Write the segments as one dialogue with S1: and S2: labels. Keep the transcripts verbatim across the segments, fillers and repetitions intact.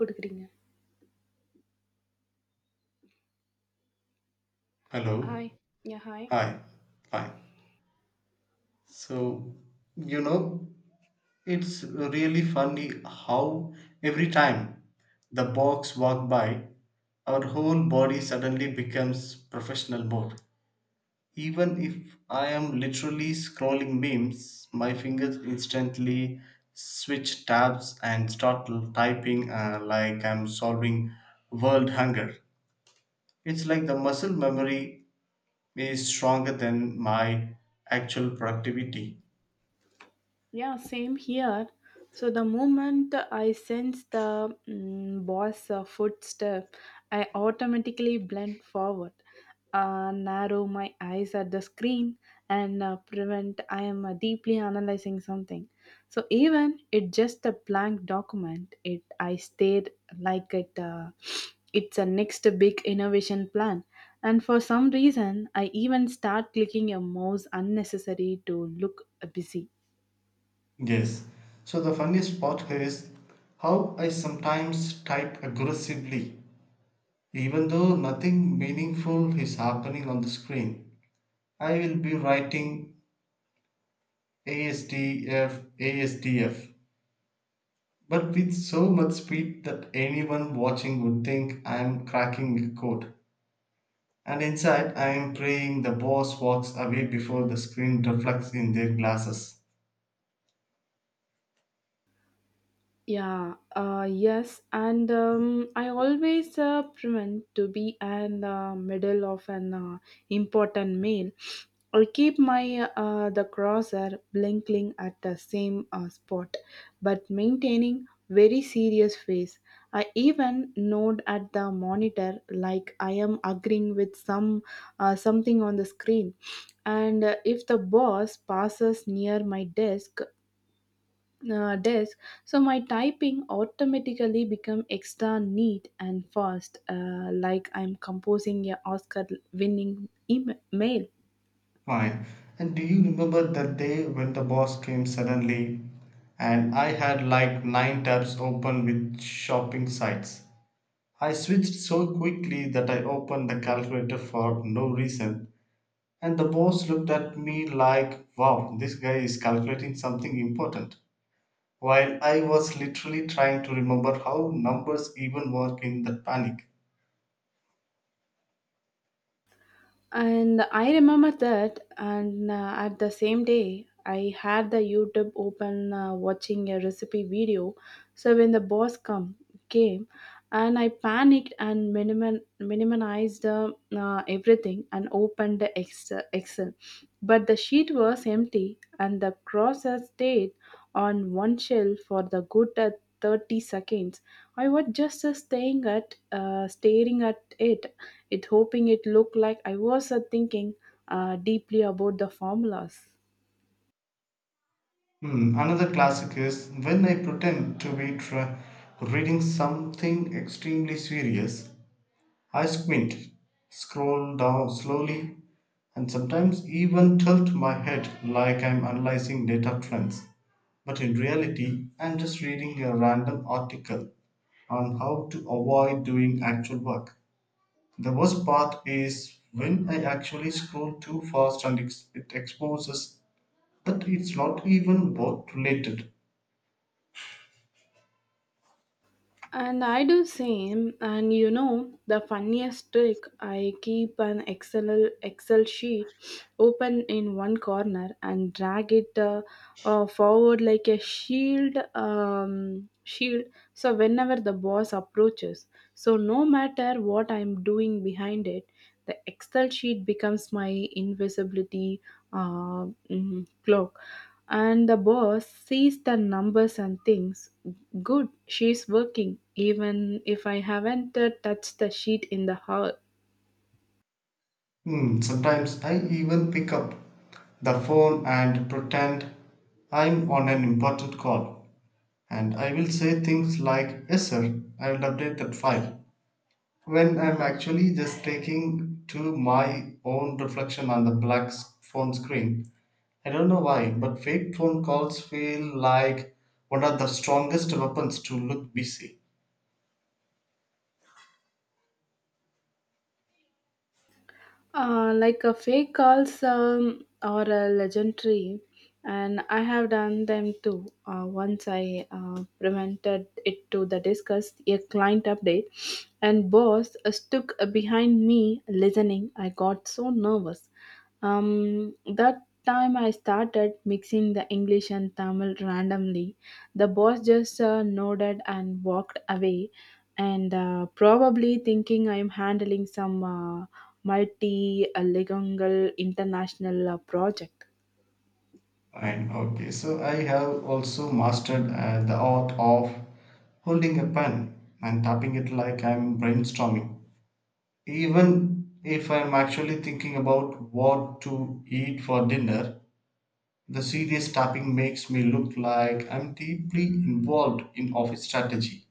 S1: குடுக்குறீங்க.
S2: Hello.
S1: Hi. Yeah hi.
S2: Hi. Hi. So, you know, it's really funny how every time the box walk by, our whole body suddenly becomes professional mode. Even if I am literally scrolling memes, my fingers instantly switch tabs and start typing uh, like I'm solving world hunger. It's like the muscle memory is stronger than my actual productivity.
S1: Yeah, same here. So the moment I sense the mm, boss uh, footstep, I automatically blend forward, uh, narrow my eyes at the screen, and uh, prevent I am uh, deeply analyzing something. So even it just a blank document, it I stared like it. Uh, it's a next big innovation plan. And for some reason, I even start clicking a mouse unnecessary to look uh, busy.
S2: Yes. So the funniest part is how I sometimes type aggressively. Even though nothing meaningful is happening on the screen, I will be writing A S D F, A S D F, but with so much speed that anyone watching would think I'm cracking a code. And inside, I am praying the boss walks away before the screen reflects in their glasses.
S1: Yeah, uh, yes, and um, I always uh, prevent to be in the middle of an uh, important mail or keep my uh, the crosser blinking at the same uh, spot, but maintaining very serious face. I even nod at the monitor like I am agreeing with some uh, something on the screen, and uh, if the boss passes near my desk uh, desk so my typing automatically become extra neat and fast uh, like I'm composing a oscar winning email.
S2: Fine. And do you remember that day when the boss came suddenly and I had like nine tabs open with shopping sites? I switched so quickly that I opened the calculator for no reason, and the boss looked at me like, wow, this guy is calculating something important. While I was literally trying to remember how numbers even work in that panic.
S1: And I remember that, and uh, at the same day, I had the YouTube open uh, watching a recipe video. So when the boss come came, and I panicked and minimum, minimized uh, uh, everything and opened the Excel. Excel. But the sheet was empty, and the cross has stayed on one shelf for the good at 30 seconds. I was just uh, staying at, uh, staring at it, it hoping it looked like I was uh, thinking uh, deeply about the formulas.
S2: Hmm, another classic is when I pretend to be tra- reading something extremely serious. I squint, scroll down slowly, and sometimes even tilt my head like I'm analyzing data trends. But in reality, I'm just reading a random article on how to avoid doing actual work. The worst part is when I actually scroll too fast and ex- it exposes that it's not even work related.
S1: And I do same. And you know, the funniest trick, I keep an Excel Excel sheet open in one corner and drag it uh, uh, forward like a shield. Um, shield. So whenever the boss approaches, so no matter what I'm doing behind it, the Excel sheet becomes my invisibility uh, mm, clock. And the boss sees the numbers and thinks, good, she's working, even if I haven't uh, touched the sheet in the hour.
S2: Hmm, sometimes I even pick up the phone and pretend I'm on an important call. And I will say things like, yes, sir, I will update that file. When I'm actually just taking to my own reflection on the black s- phone screen. I don't know why, but fake phone calls feel like one of the strongest weapons to look busy.
S1: Uh, like a fake calls um, are a legendary, and I have done them too. Uh, once I uh, prevented it to the discuss a client update, and boss uh, stuck behind me listening. I got so nervous. Um, that time I started mixing the English and Tamil randomly. The boss just uh, nodded and walked away and uh, probably thinking I am handling some uh, multi-legal international uh, project.
S2: And okay, so I have also mastered uh, the art of holding a pen and tapping it like I'm brainstorming. Even if I'm actually thinking about what to eat for dinner, the serious tapping makes me look like I'm deeply involved in office strategy.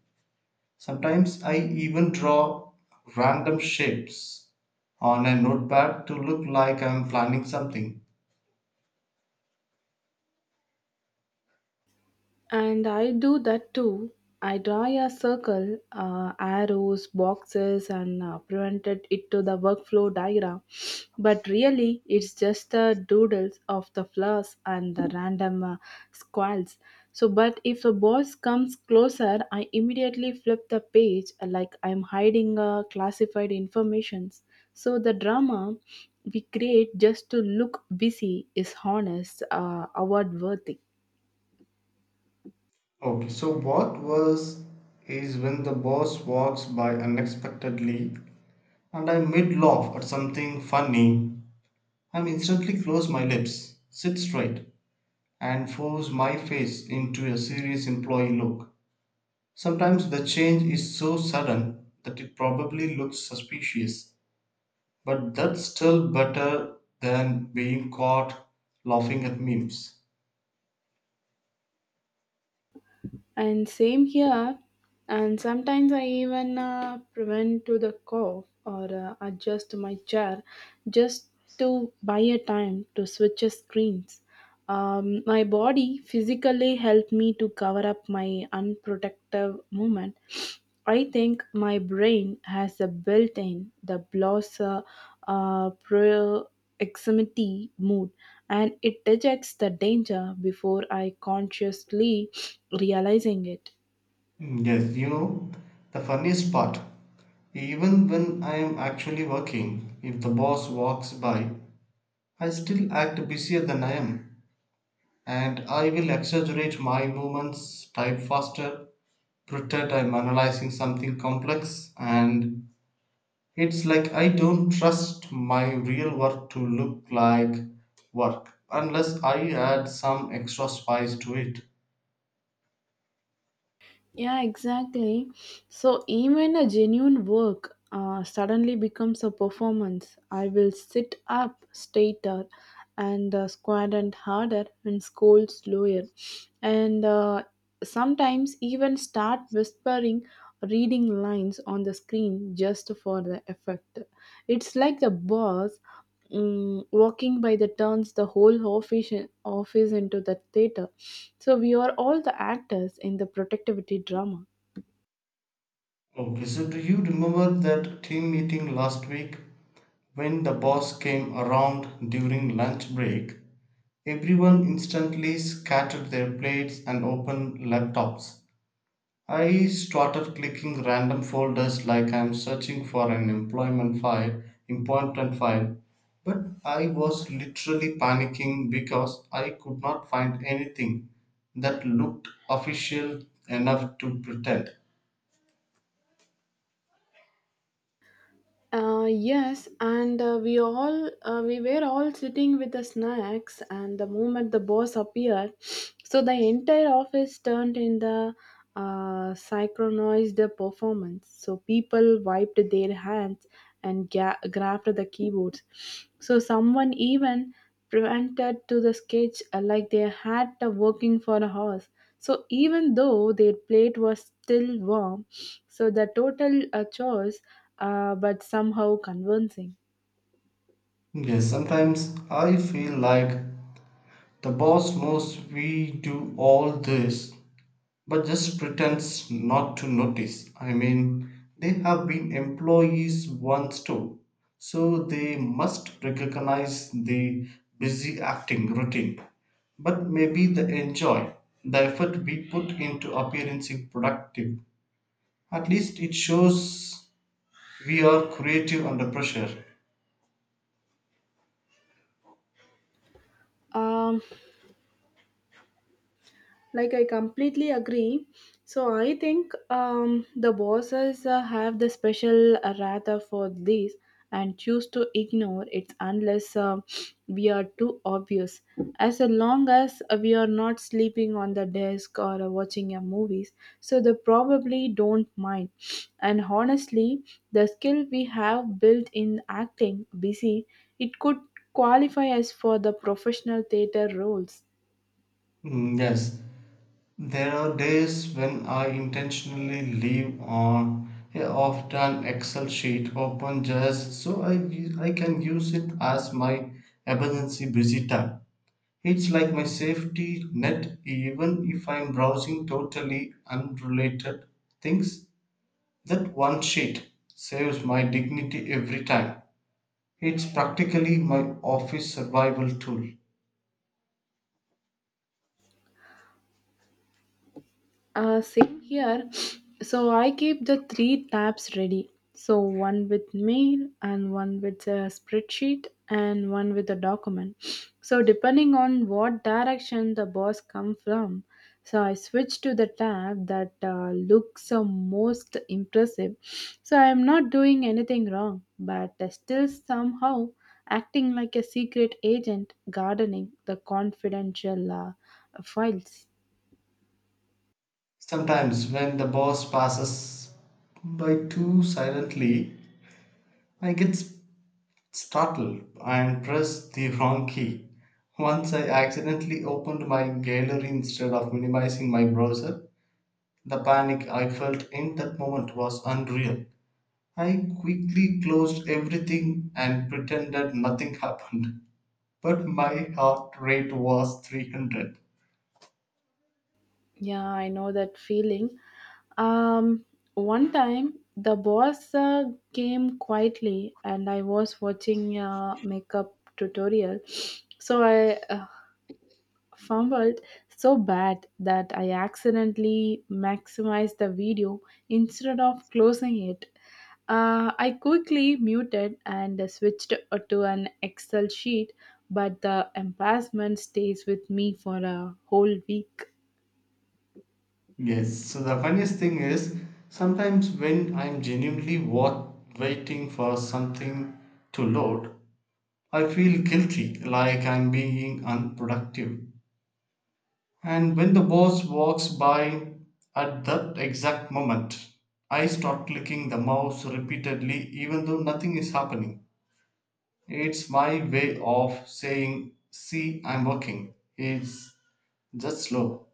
S2: Sometimes I even draw random shapes on a notepad to look like I'm planning something.
S1: And I do that too. I draw a circle, uh, arrows, boxes, and uh, presented it to the workflow diagram. But really, it's just the doodles of the flowers and the random uh, squirrels. So, but if a boss comes closer, I immediately flip the page uh, like I'm hiding uh, classified informations. So the drama we create just to look busy is honest, uh, award worthy.
S2: Okay, so what was is when the boss walks by unexpectedly and I mid laugh at something funny and instantly close my lips, sit straight, and force my face into a serious employee look. Sometimes the change is so sudden that it probably looks suspicious, but that's still better than being caught laughing at memes.
S1: And same here. And sometimes I even uh, prevent to the cough or uh, adjust my chair just to buy a time to switch a screens. Um, my body physically helped me to cover up my unprotective movement. I think my brain has a built in the blosser uh, proximity mood, and it detects the danger before I consciously realizing it.
S2: Mm, yes, you know, the funniest part, even when I am actually working, if the boss walks by, I still act busier than I am, and I will exaggerate my movements, type faster, pretend I'm analyzing something complex, and it's like I don't trust my real work to look like work unless I add some extra spice to it.
S1: Yeah, exactly. So even a genuine work uh, suddenly becomes a performance. I will sit up straighter and uh, square and harder and scold slower. And uh, sometimes even start whispering reading lines on the screen just for the effect. It's like the boss mm, walking by the turns the whole office office into the theater, so we are all the actors in the protectivity drama.
S2: Okay, so do you remember that team meeting last week when the boss came around during lunch break? Everyone instantly scattered their plates and opened laptops. I started clicking random folders like I'm searching for an employment file, important file. But I was literally panicking because I could not find anything that looked official enough to pretend.
S1: Uh, yes, and uh, we all uh, we were all sitting with the snacks, and the moment the boss appeared, so the entire office turned in the uh, synchronized performance. So people wiped their hands and ga- grabbed the keyboards. So someone even prevented to the sketch uh, like they had uh, working for a horse. So even though their plate was still warm, so the total a chores, uh, but somehow convincing.
S2: Yes, sometimes I feel like the boss knows we do all this but just pretends not to notice. I mean, they have been employees once too, so they must recognize the busy acting routine. But maybe they enjoy the effort we put into appearing productive. At least it shows we are creative under pressure.
S1: Um, like I completely agree, so I think um, the bosses uh, have the special uh, rather for this and choose to ignore it unless um we are too obvious. As long as we are not sleeping on the desk or uh, watching a movies, so they probably don't mind. And honestly, the skill we have built in acting busy, it could qualify us for the professional theater roles.
S2: Mm, yes, there are days when I intentionally leave on a off done Excel sheet open just so I I can use it as my emergency busy time. It's like my safety net, even if I'm browsing totally unrelated things. That one sheet saves my dignity every time. It's practically my office survival tool.
S1: Uh, same here. So I keep the three tabs ready. So one with mail and one with a spreadsheet and one with a document. So depending on what direction the boss come from, so I switch to the tab that uh, looks uh, most impressive. So I am not doing anything wrong, but uh, still somehow acting like a secret agent gardening the confidential uh, files.
S2: Sometimes, when the boss passes by too silently, I get s- startled and press the wrong key. Once I accidentally opened my gallery instead of minimizing my browser. The panic I felt in that moment was unreal. I quickly closed everything and pretended nothing happened. But my heart rate was three hundred.
S1: Yeah, I know that feeling. Um, One time, the boss uh, came quietly, and I was watching a makeup tutorial. So I uh, fumbled so bad that I accidentally maximized the video instead of closing it. Uh, I quickly muted and switched uh, to an Excel sheet, but the embarrassment stays with me for a whole week.
S2: Yes, so the funniest thing is sometimes when I'm genuinely wa- waiting for something to load, I feel guilty, like I'm being unproductive. And when the boss walks by at that exact moment, I start clicking the mouse repeatedly, even though nothing is happening. It's my way of saying, see, I'm working. It's just slow.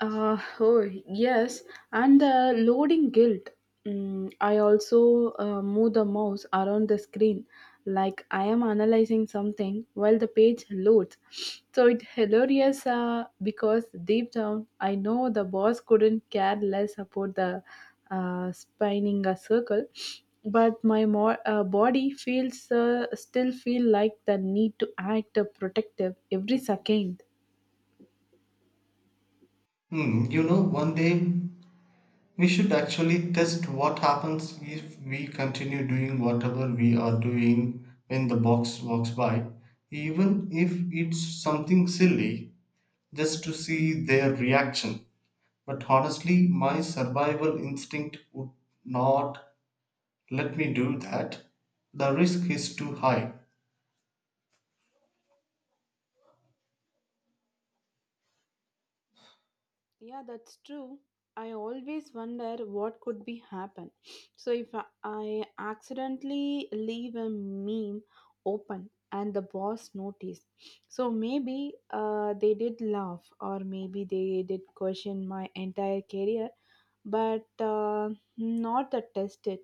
S1: Uh, oh, yes, and the loading guilt. Mm, I also uh, move the mouse around the screen like I am analyzing something while the page loads. So it's hilarious uh, because deep down I know the boss couldn't care less about the uh, spinning a circle, but my mo- uh, body feels uh, still feel like the need to act uh, protective every second.
S2: Hmm, you know, one day we should actually test what happens if we continue doing whatever we are doing when the box walks by, even if it's something silly, just to see their reaction. But honestly, my survival instinct would not let me do that. The risk is too high.
S1: Yeah, that's true. I always wonder what could be happen. So if I I accidentally leave a meme open and the boss noticed, so maybe uh, they did laugh or maybe they did question my entire career, but uh, not the tested.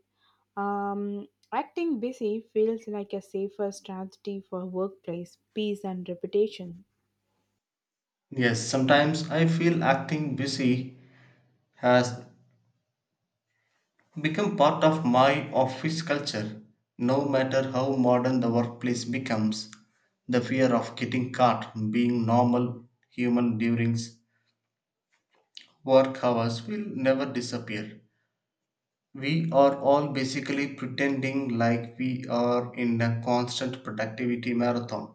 S1: Um, Acting busy feels like a safer strategy for workplace peace and reputation.
S2: Yes, sometimes I feel acting busy has become part of my office culture. No matter how modern the workplace becomes, the fear of getting caught being normal human during work hours will never disappear. We are all basically pretending like we are in a constant productivity marathon.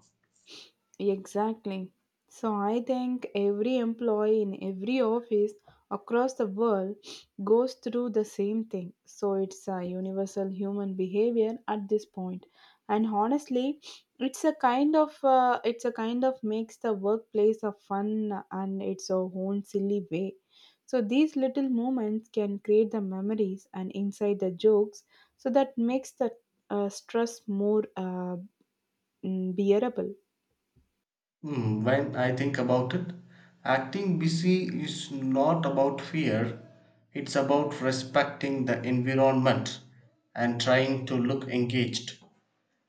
S1: Exactly. So I think every employee in every office across the world goes through the same thing. So it's a universal human behavior at this point. And honestly, it's a kind of uh, it's a kind of makes the workplace a fun and its a own silly way. So these little moments can create the memories and inside the jokes, so that makes the uh, stress more uh, mm, bearable.
S2: Hmm, when I think about it, acting busy is not about fear, it's about respecting the environment and trying to look engaged.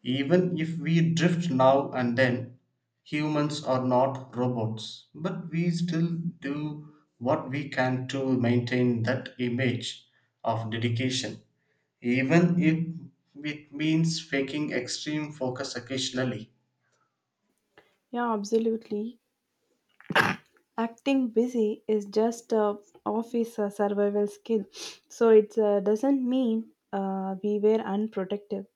S2: Even if we drift now and then, humans are not robots, but we still do what we can to maintain that image of dedication, even if it means faking extreme focus occasionally.
S1: Yeah, absolutely. Acting busy is just a office uh, survival skill, so it uh, doesn't mean uh, we were unprotective,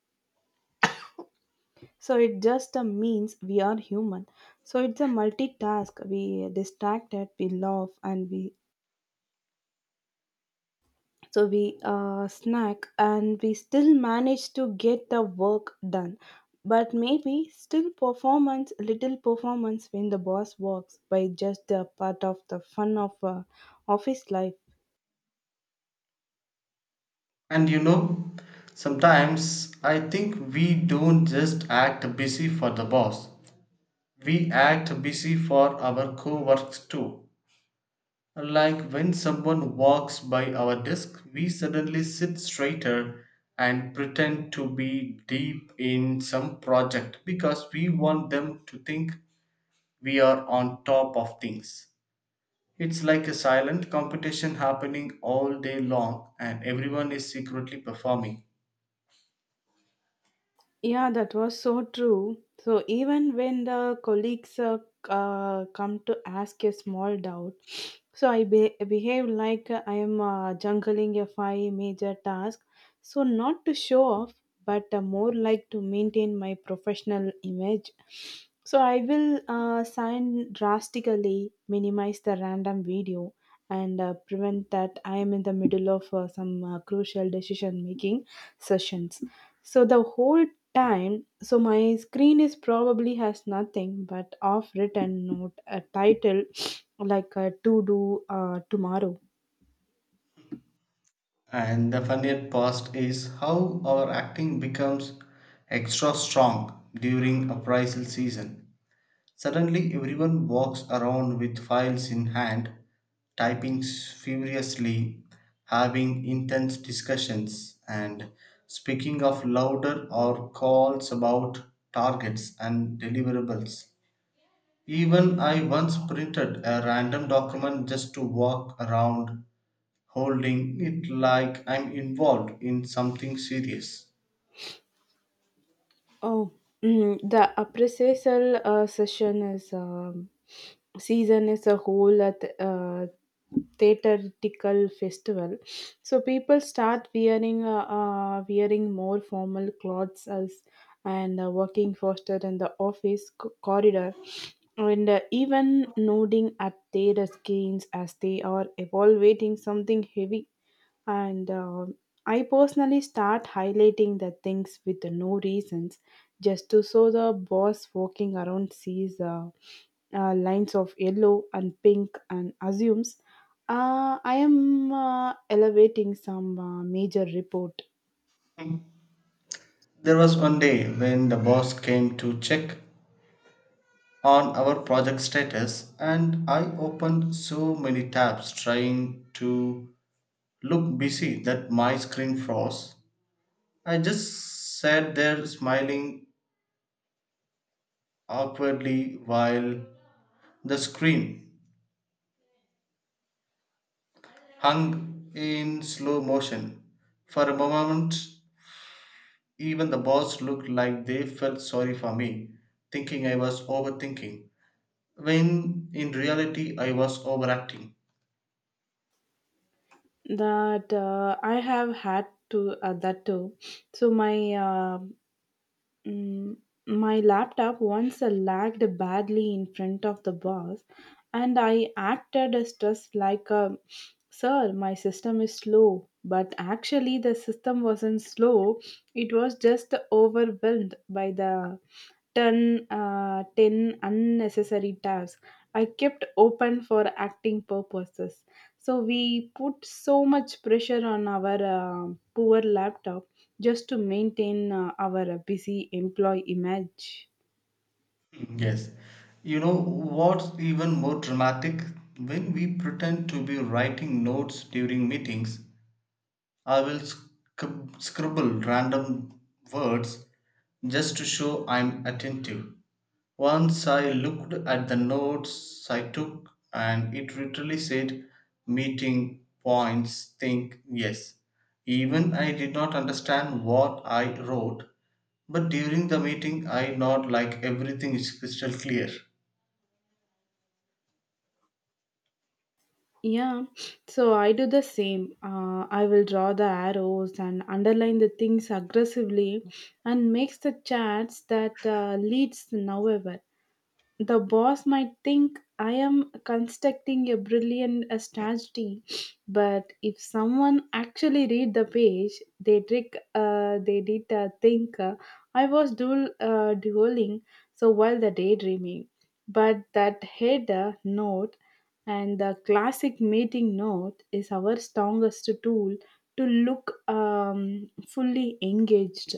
S1: so it just uh, means we are human. So it's a multitask, we distracted, we laugh, and we, so we uh, snack and we still manage to get the work done. But maybe still performance, little performance when the boss walks by, just a part of the fun of uh, office life.
S2: And you know, sometimes I think we don't just act busy for the boss, we act busy for our co works too. Like when someone walks by our desk, we suddenly sit straighter and pretend to be deep in some project because we want them to think we are on top of things. It's like a silent competition happening all day long, and everyone is secretly performing.
S1: Yeah, that was so true. So even when the colleagues uh, uh, come to ask a small doubt, so I be- behave like I am uh, juggling a five major task. So not to show off, but uh, more like to maintain my professional image. So I will uh, sign drastically, minimize the random video, and uh, prevent that I am in the middle of uh, some uh, crucial decision making sessions. So the whole time, so my screen is probably has nothing but off written note a title like a to do uh, tomorrow.
S2: And the funniest part is how our acting becomes extra strong during appraisal season. Suddenly, everyone walks around with files in hand, typing s- furiously, having intense discussions, and speaking of louder or calls about targets and deliverables. Even I once printed a random document just to walk around holding it like I'm involved in something serious.
S1: Oh mm, the appraisal uh, session is um, season is a whole at uh, theatrical festival. So people start wearing uh, uh, wearing more formal clothes, as and uh, working faster in the office c- corridor, and uh, even nodding at their screens as they are evaluating something heavy. And um I personally start highlighting the things with no reasons, just to so the boss walking around sees uh, uh, lines of yellow and pink and assumes uh, I am uh, elevating some uh, major report.
S2: There was one day when the boss came to check on our project status, and I opened so many tabs trying to look busy that my screen froze. I just sat there smiling awkwardly while the screen hung in slow motion. For a moment, even the boss looked like they felt sorry for me, thinking I was overthinking, when in reality I was overacting.
S1: That uh, I have had to uh, that too. So my uh, Mm, my laptop once lagged badly in front of the boss, and I acted stressed like a sir, my system is slow. But actually, the system wasn't slow, it was just overwhelmed by the ten, uh, ten unnecessary tabs I kept open for acting purposes. So, we put so much pressure on our uh, poor laptop just to maintain uh, our busy employee image.
S2: Yes. You know what's even more dramatic? When we pretend to be writing notes during meetings, I will scrib- scribble random words just to show I'm attentive. Once I looked at the notes I took, and it literally said meeting points, think, yes. Even I did not understand what I wrote, but during the meeting I nod like everything is crystal clear.
S1: Yeah, so I do the same. Uh, I will draw the arrows and underline the things aggressively and makes the chats that uh, leads nowhere. The boss might think I am constructing a brilliant uh, strategy, but if someone actually read the page, they trick, uh, they did uh, think uh, I was dual, uh, dueling. So while the daydreaming, but that header note and the classic meeting note is our strongest tool to look um, fully engaged.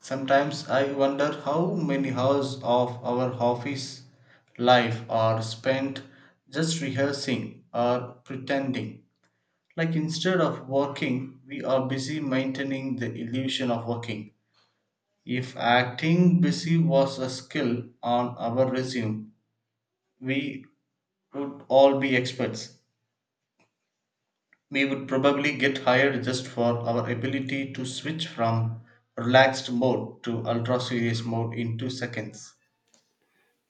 S2: Sometimes I wonder how many hours of our office life are spent just rehearsing or pretending. Like instead of working, we are busy maintaining the illusion of working. If acting busy was a skill on our resume, we would all be experts. We would probably get hired just for our ability to switch from relaxed mode to ultra serious mode in two seconds.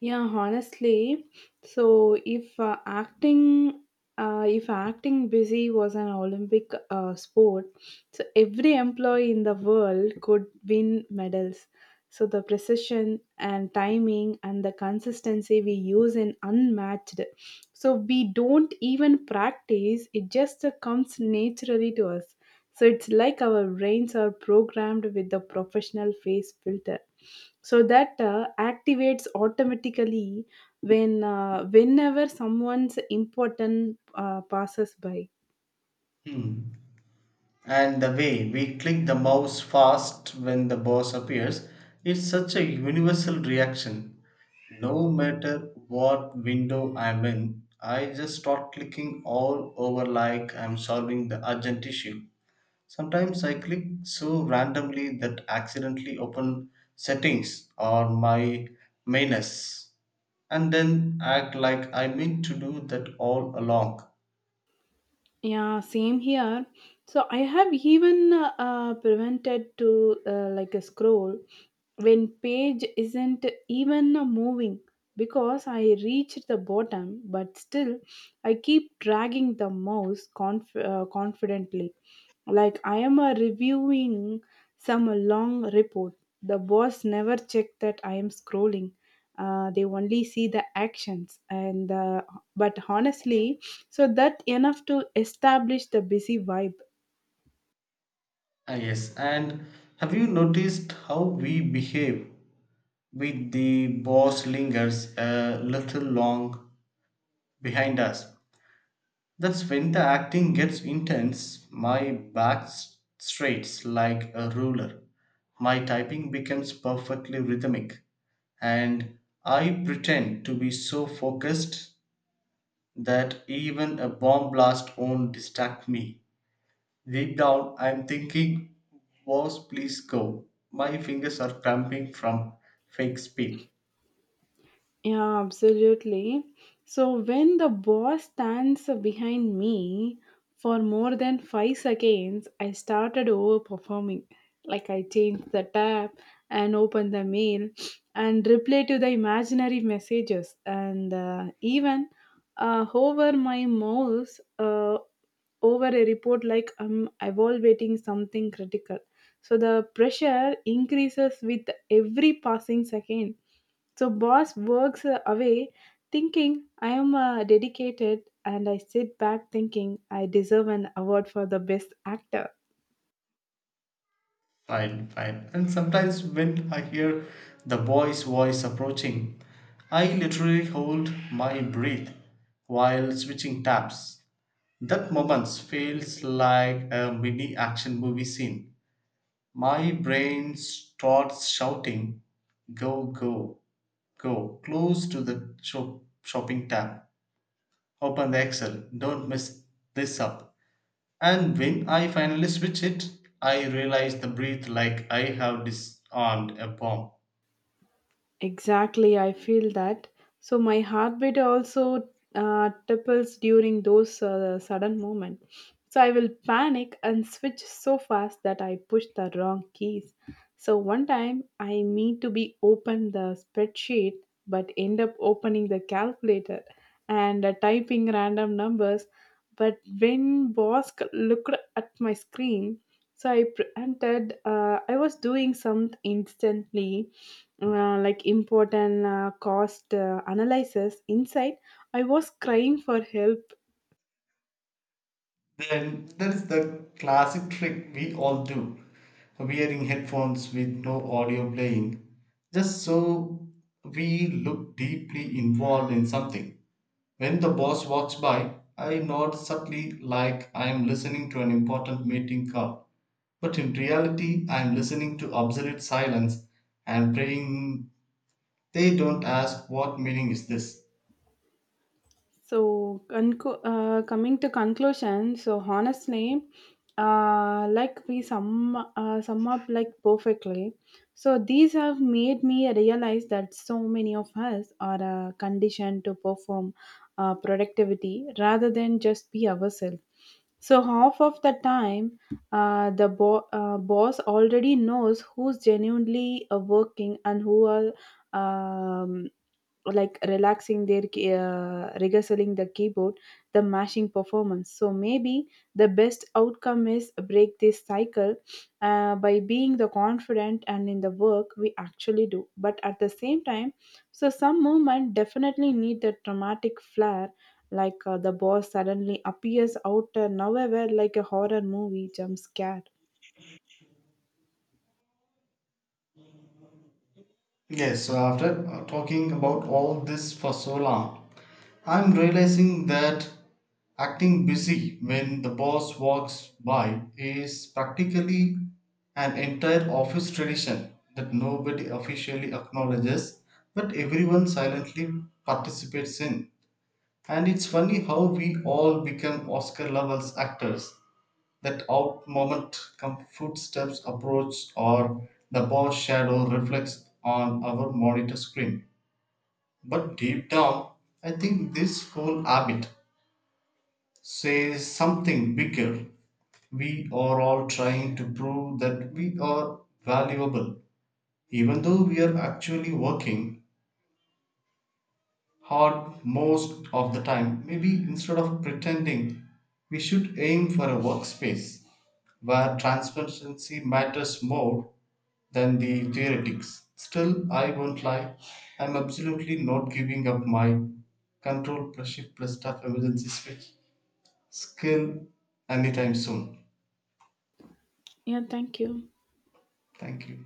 S1: Yeah, honestly, so if uh, acting uh, if acting busy was an Olympic uh, sport, so every employee in the world could win medals. So the precision and timing and the consistency we use in unmatched. So we don't even practice; it just uh, comes naturally to us. So it's like our brains are programmed with the professional face filter. So that uh, activates automatically when uh, whenever someone's important uh, passes by.
S2: Hmm. And the way we click the mouse fast when the boss appears, it's such a universal reaction. No matter what window I'm in, I just start clicking all over like I'm solving the urgent issue. Sometimes I click so randomly that accidentally open settings or my menus and then act like I meant to do that all along.
S1: Yeah, same here. So I have even uh, uh, prevented to uh, like a scroll when page isn't even moving because I reached the bottom, but still I keep dragging the mouse conf- uh, confidently. Like I am uh, reviewing some long report. The boss never checked that I am scrolling, uh, they only see the actions, and uh, but honestly, so that enough to establish the busy vibe.
S2: Ah, yes, and have you noticed how we behave with the boss lingers a little long behind us? That's when the acting gets intense. My back s- straights like a ruler. My typing becomes perfectly rhythmic, and I pretend to be so focused that even a bomb blast won't distract me. Deep down, I'm thinking, boss, please go. My fingers are cramping from fake speed.
S1: Yeah, absolutely. So when the boss stands behind me for more than five seconds, I started overperforming. Like I changed the tab and opened the mail and replied to the imaginary messages and uh, even uh, hover my mouse uh, over a report like I'm evaluating something critical. So the pressure increases with every passing second, so boss works uh, away thinking I am uh, dedicated, and I sit back thinking I deserve an award for the best actor.
S2: Fine, fine. And sometimes when I hear the boy's voice approaching, I literally hold my breath while switching tabs. That moment feels like a mini action movie scene. My brain starts shouting, go, go, go, close to the shop- shopping tab. Open the Excel, don't mess this up. And when I finally switch it, I realize the breath like I have disarmed a bomb.
S1: Exactly, I feel that. So my heartbeat also uh, triples during those uh, sudden moments. So I will panic and switch so fast that I push the wrong keys. So one time I mean to be open the spreadsheet but end up opening the calculator and uh, typing random numbers. But when boss c- looked at my screen, so I pretended uh, I was doing something instantly uh, like important uh, cost uh, analysis. Inside, I was crying for help.
S2: Then there is the classic trick we all do, wearing headphones with no audio playing just so we look deeply involved in something. When the boss walks by, I nod subtly like I am listening to an important meeting call, but in reality I am listening to obsolete silence and praying they don't ask what meaning is this.
S1: So, conclu- uh, coming to conclusion, so honestly, uh, like we sum uh, sum up like perfectly. So these have made me realize that so many of us are uh, conditioned to perform uh, productivity rather than just be ourselves. So half of the time, uh, the bo- uh, boss already knows who's genuinely uh, working and who are um, like relaxing their key- uh, rehearsing the keyboard the mashing performance. So maybe the best outcome is break this cycle uh, by being the confident and in the work we actually do, but at the same time, so some movement definitely need the dramatic flair, like uh, the boss suddenly appears out uh, nowhere like a horror movie jump scare.
S2: Yes, so after uh, talking about all this for so long, I'm realizing that acting busy when the boss walks by is practically an entire office tradition that nobody officially acknowledges but everyone silently participates in. And it's funny how we all become Oscar levels actors that out moment come footsteps approach or the boss shadow reflects on our monitor screen. But deep down, I think this whole habit say something bigger. We are all trying to prove that we are valuable, even though we are actually working hard most of the time. Maybe instead of pretending, we should aim for a workspace where transparency matters more than the theoretics. Still, I won't lie, I'm absolutely not giving up my control plus shift plus staff emergency switch skill anytime soon.
S1: Yeah, thank you.
S2: Thank you.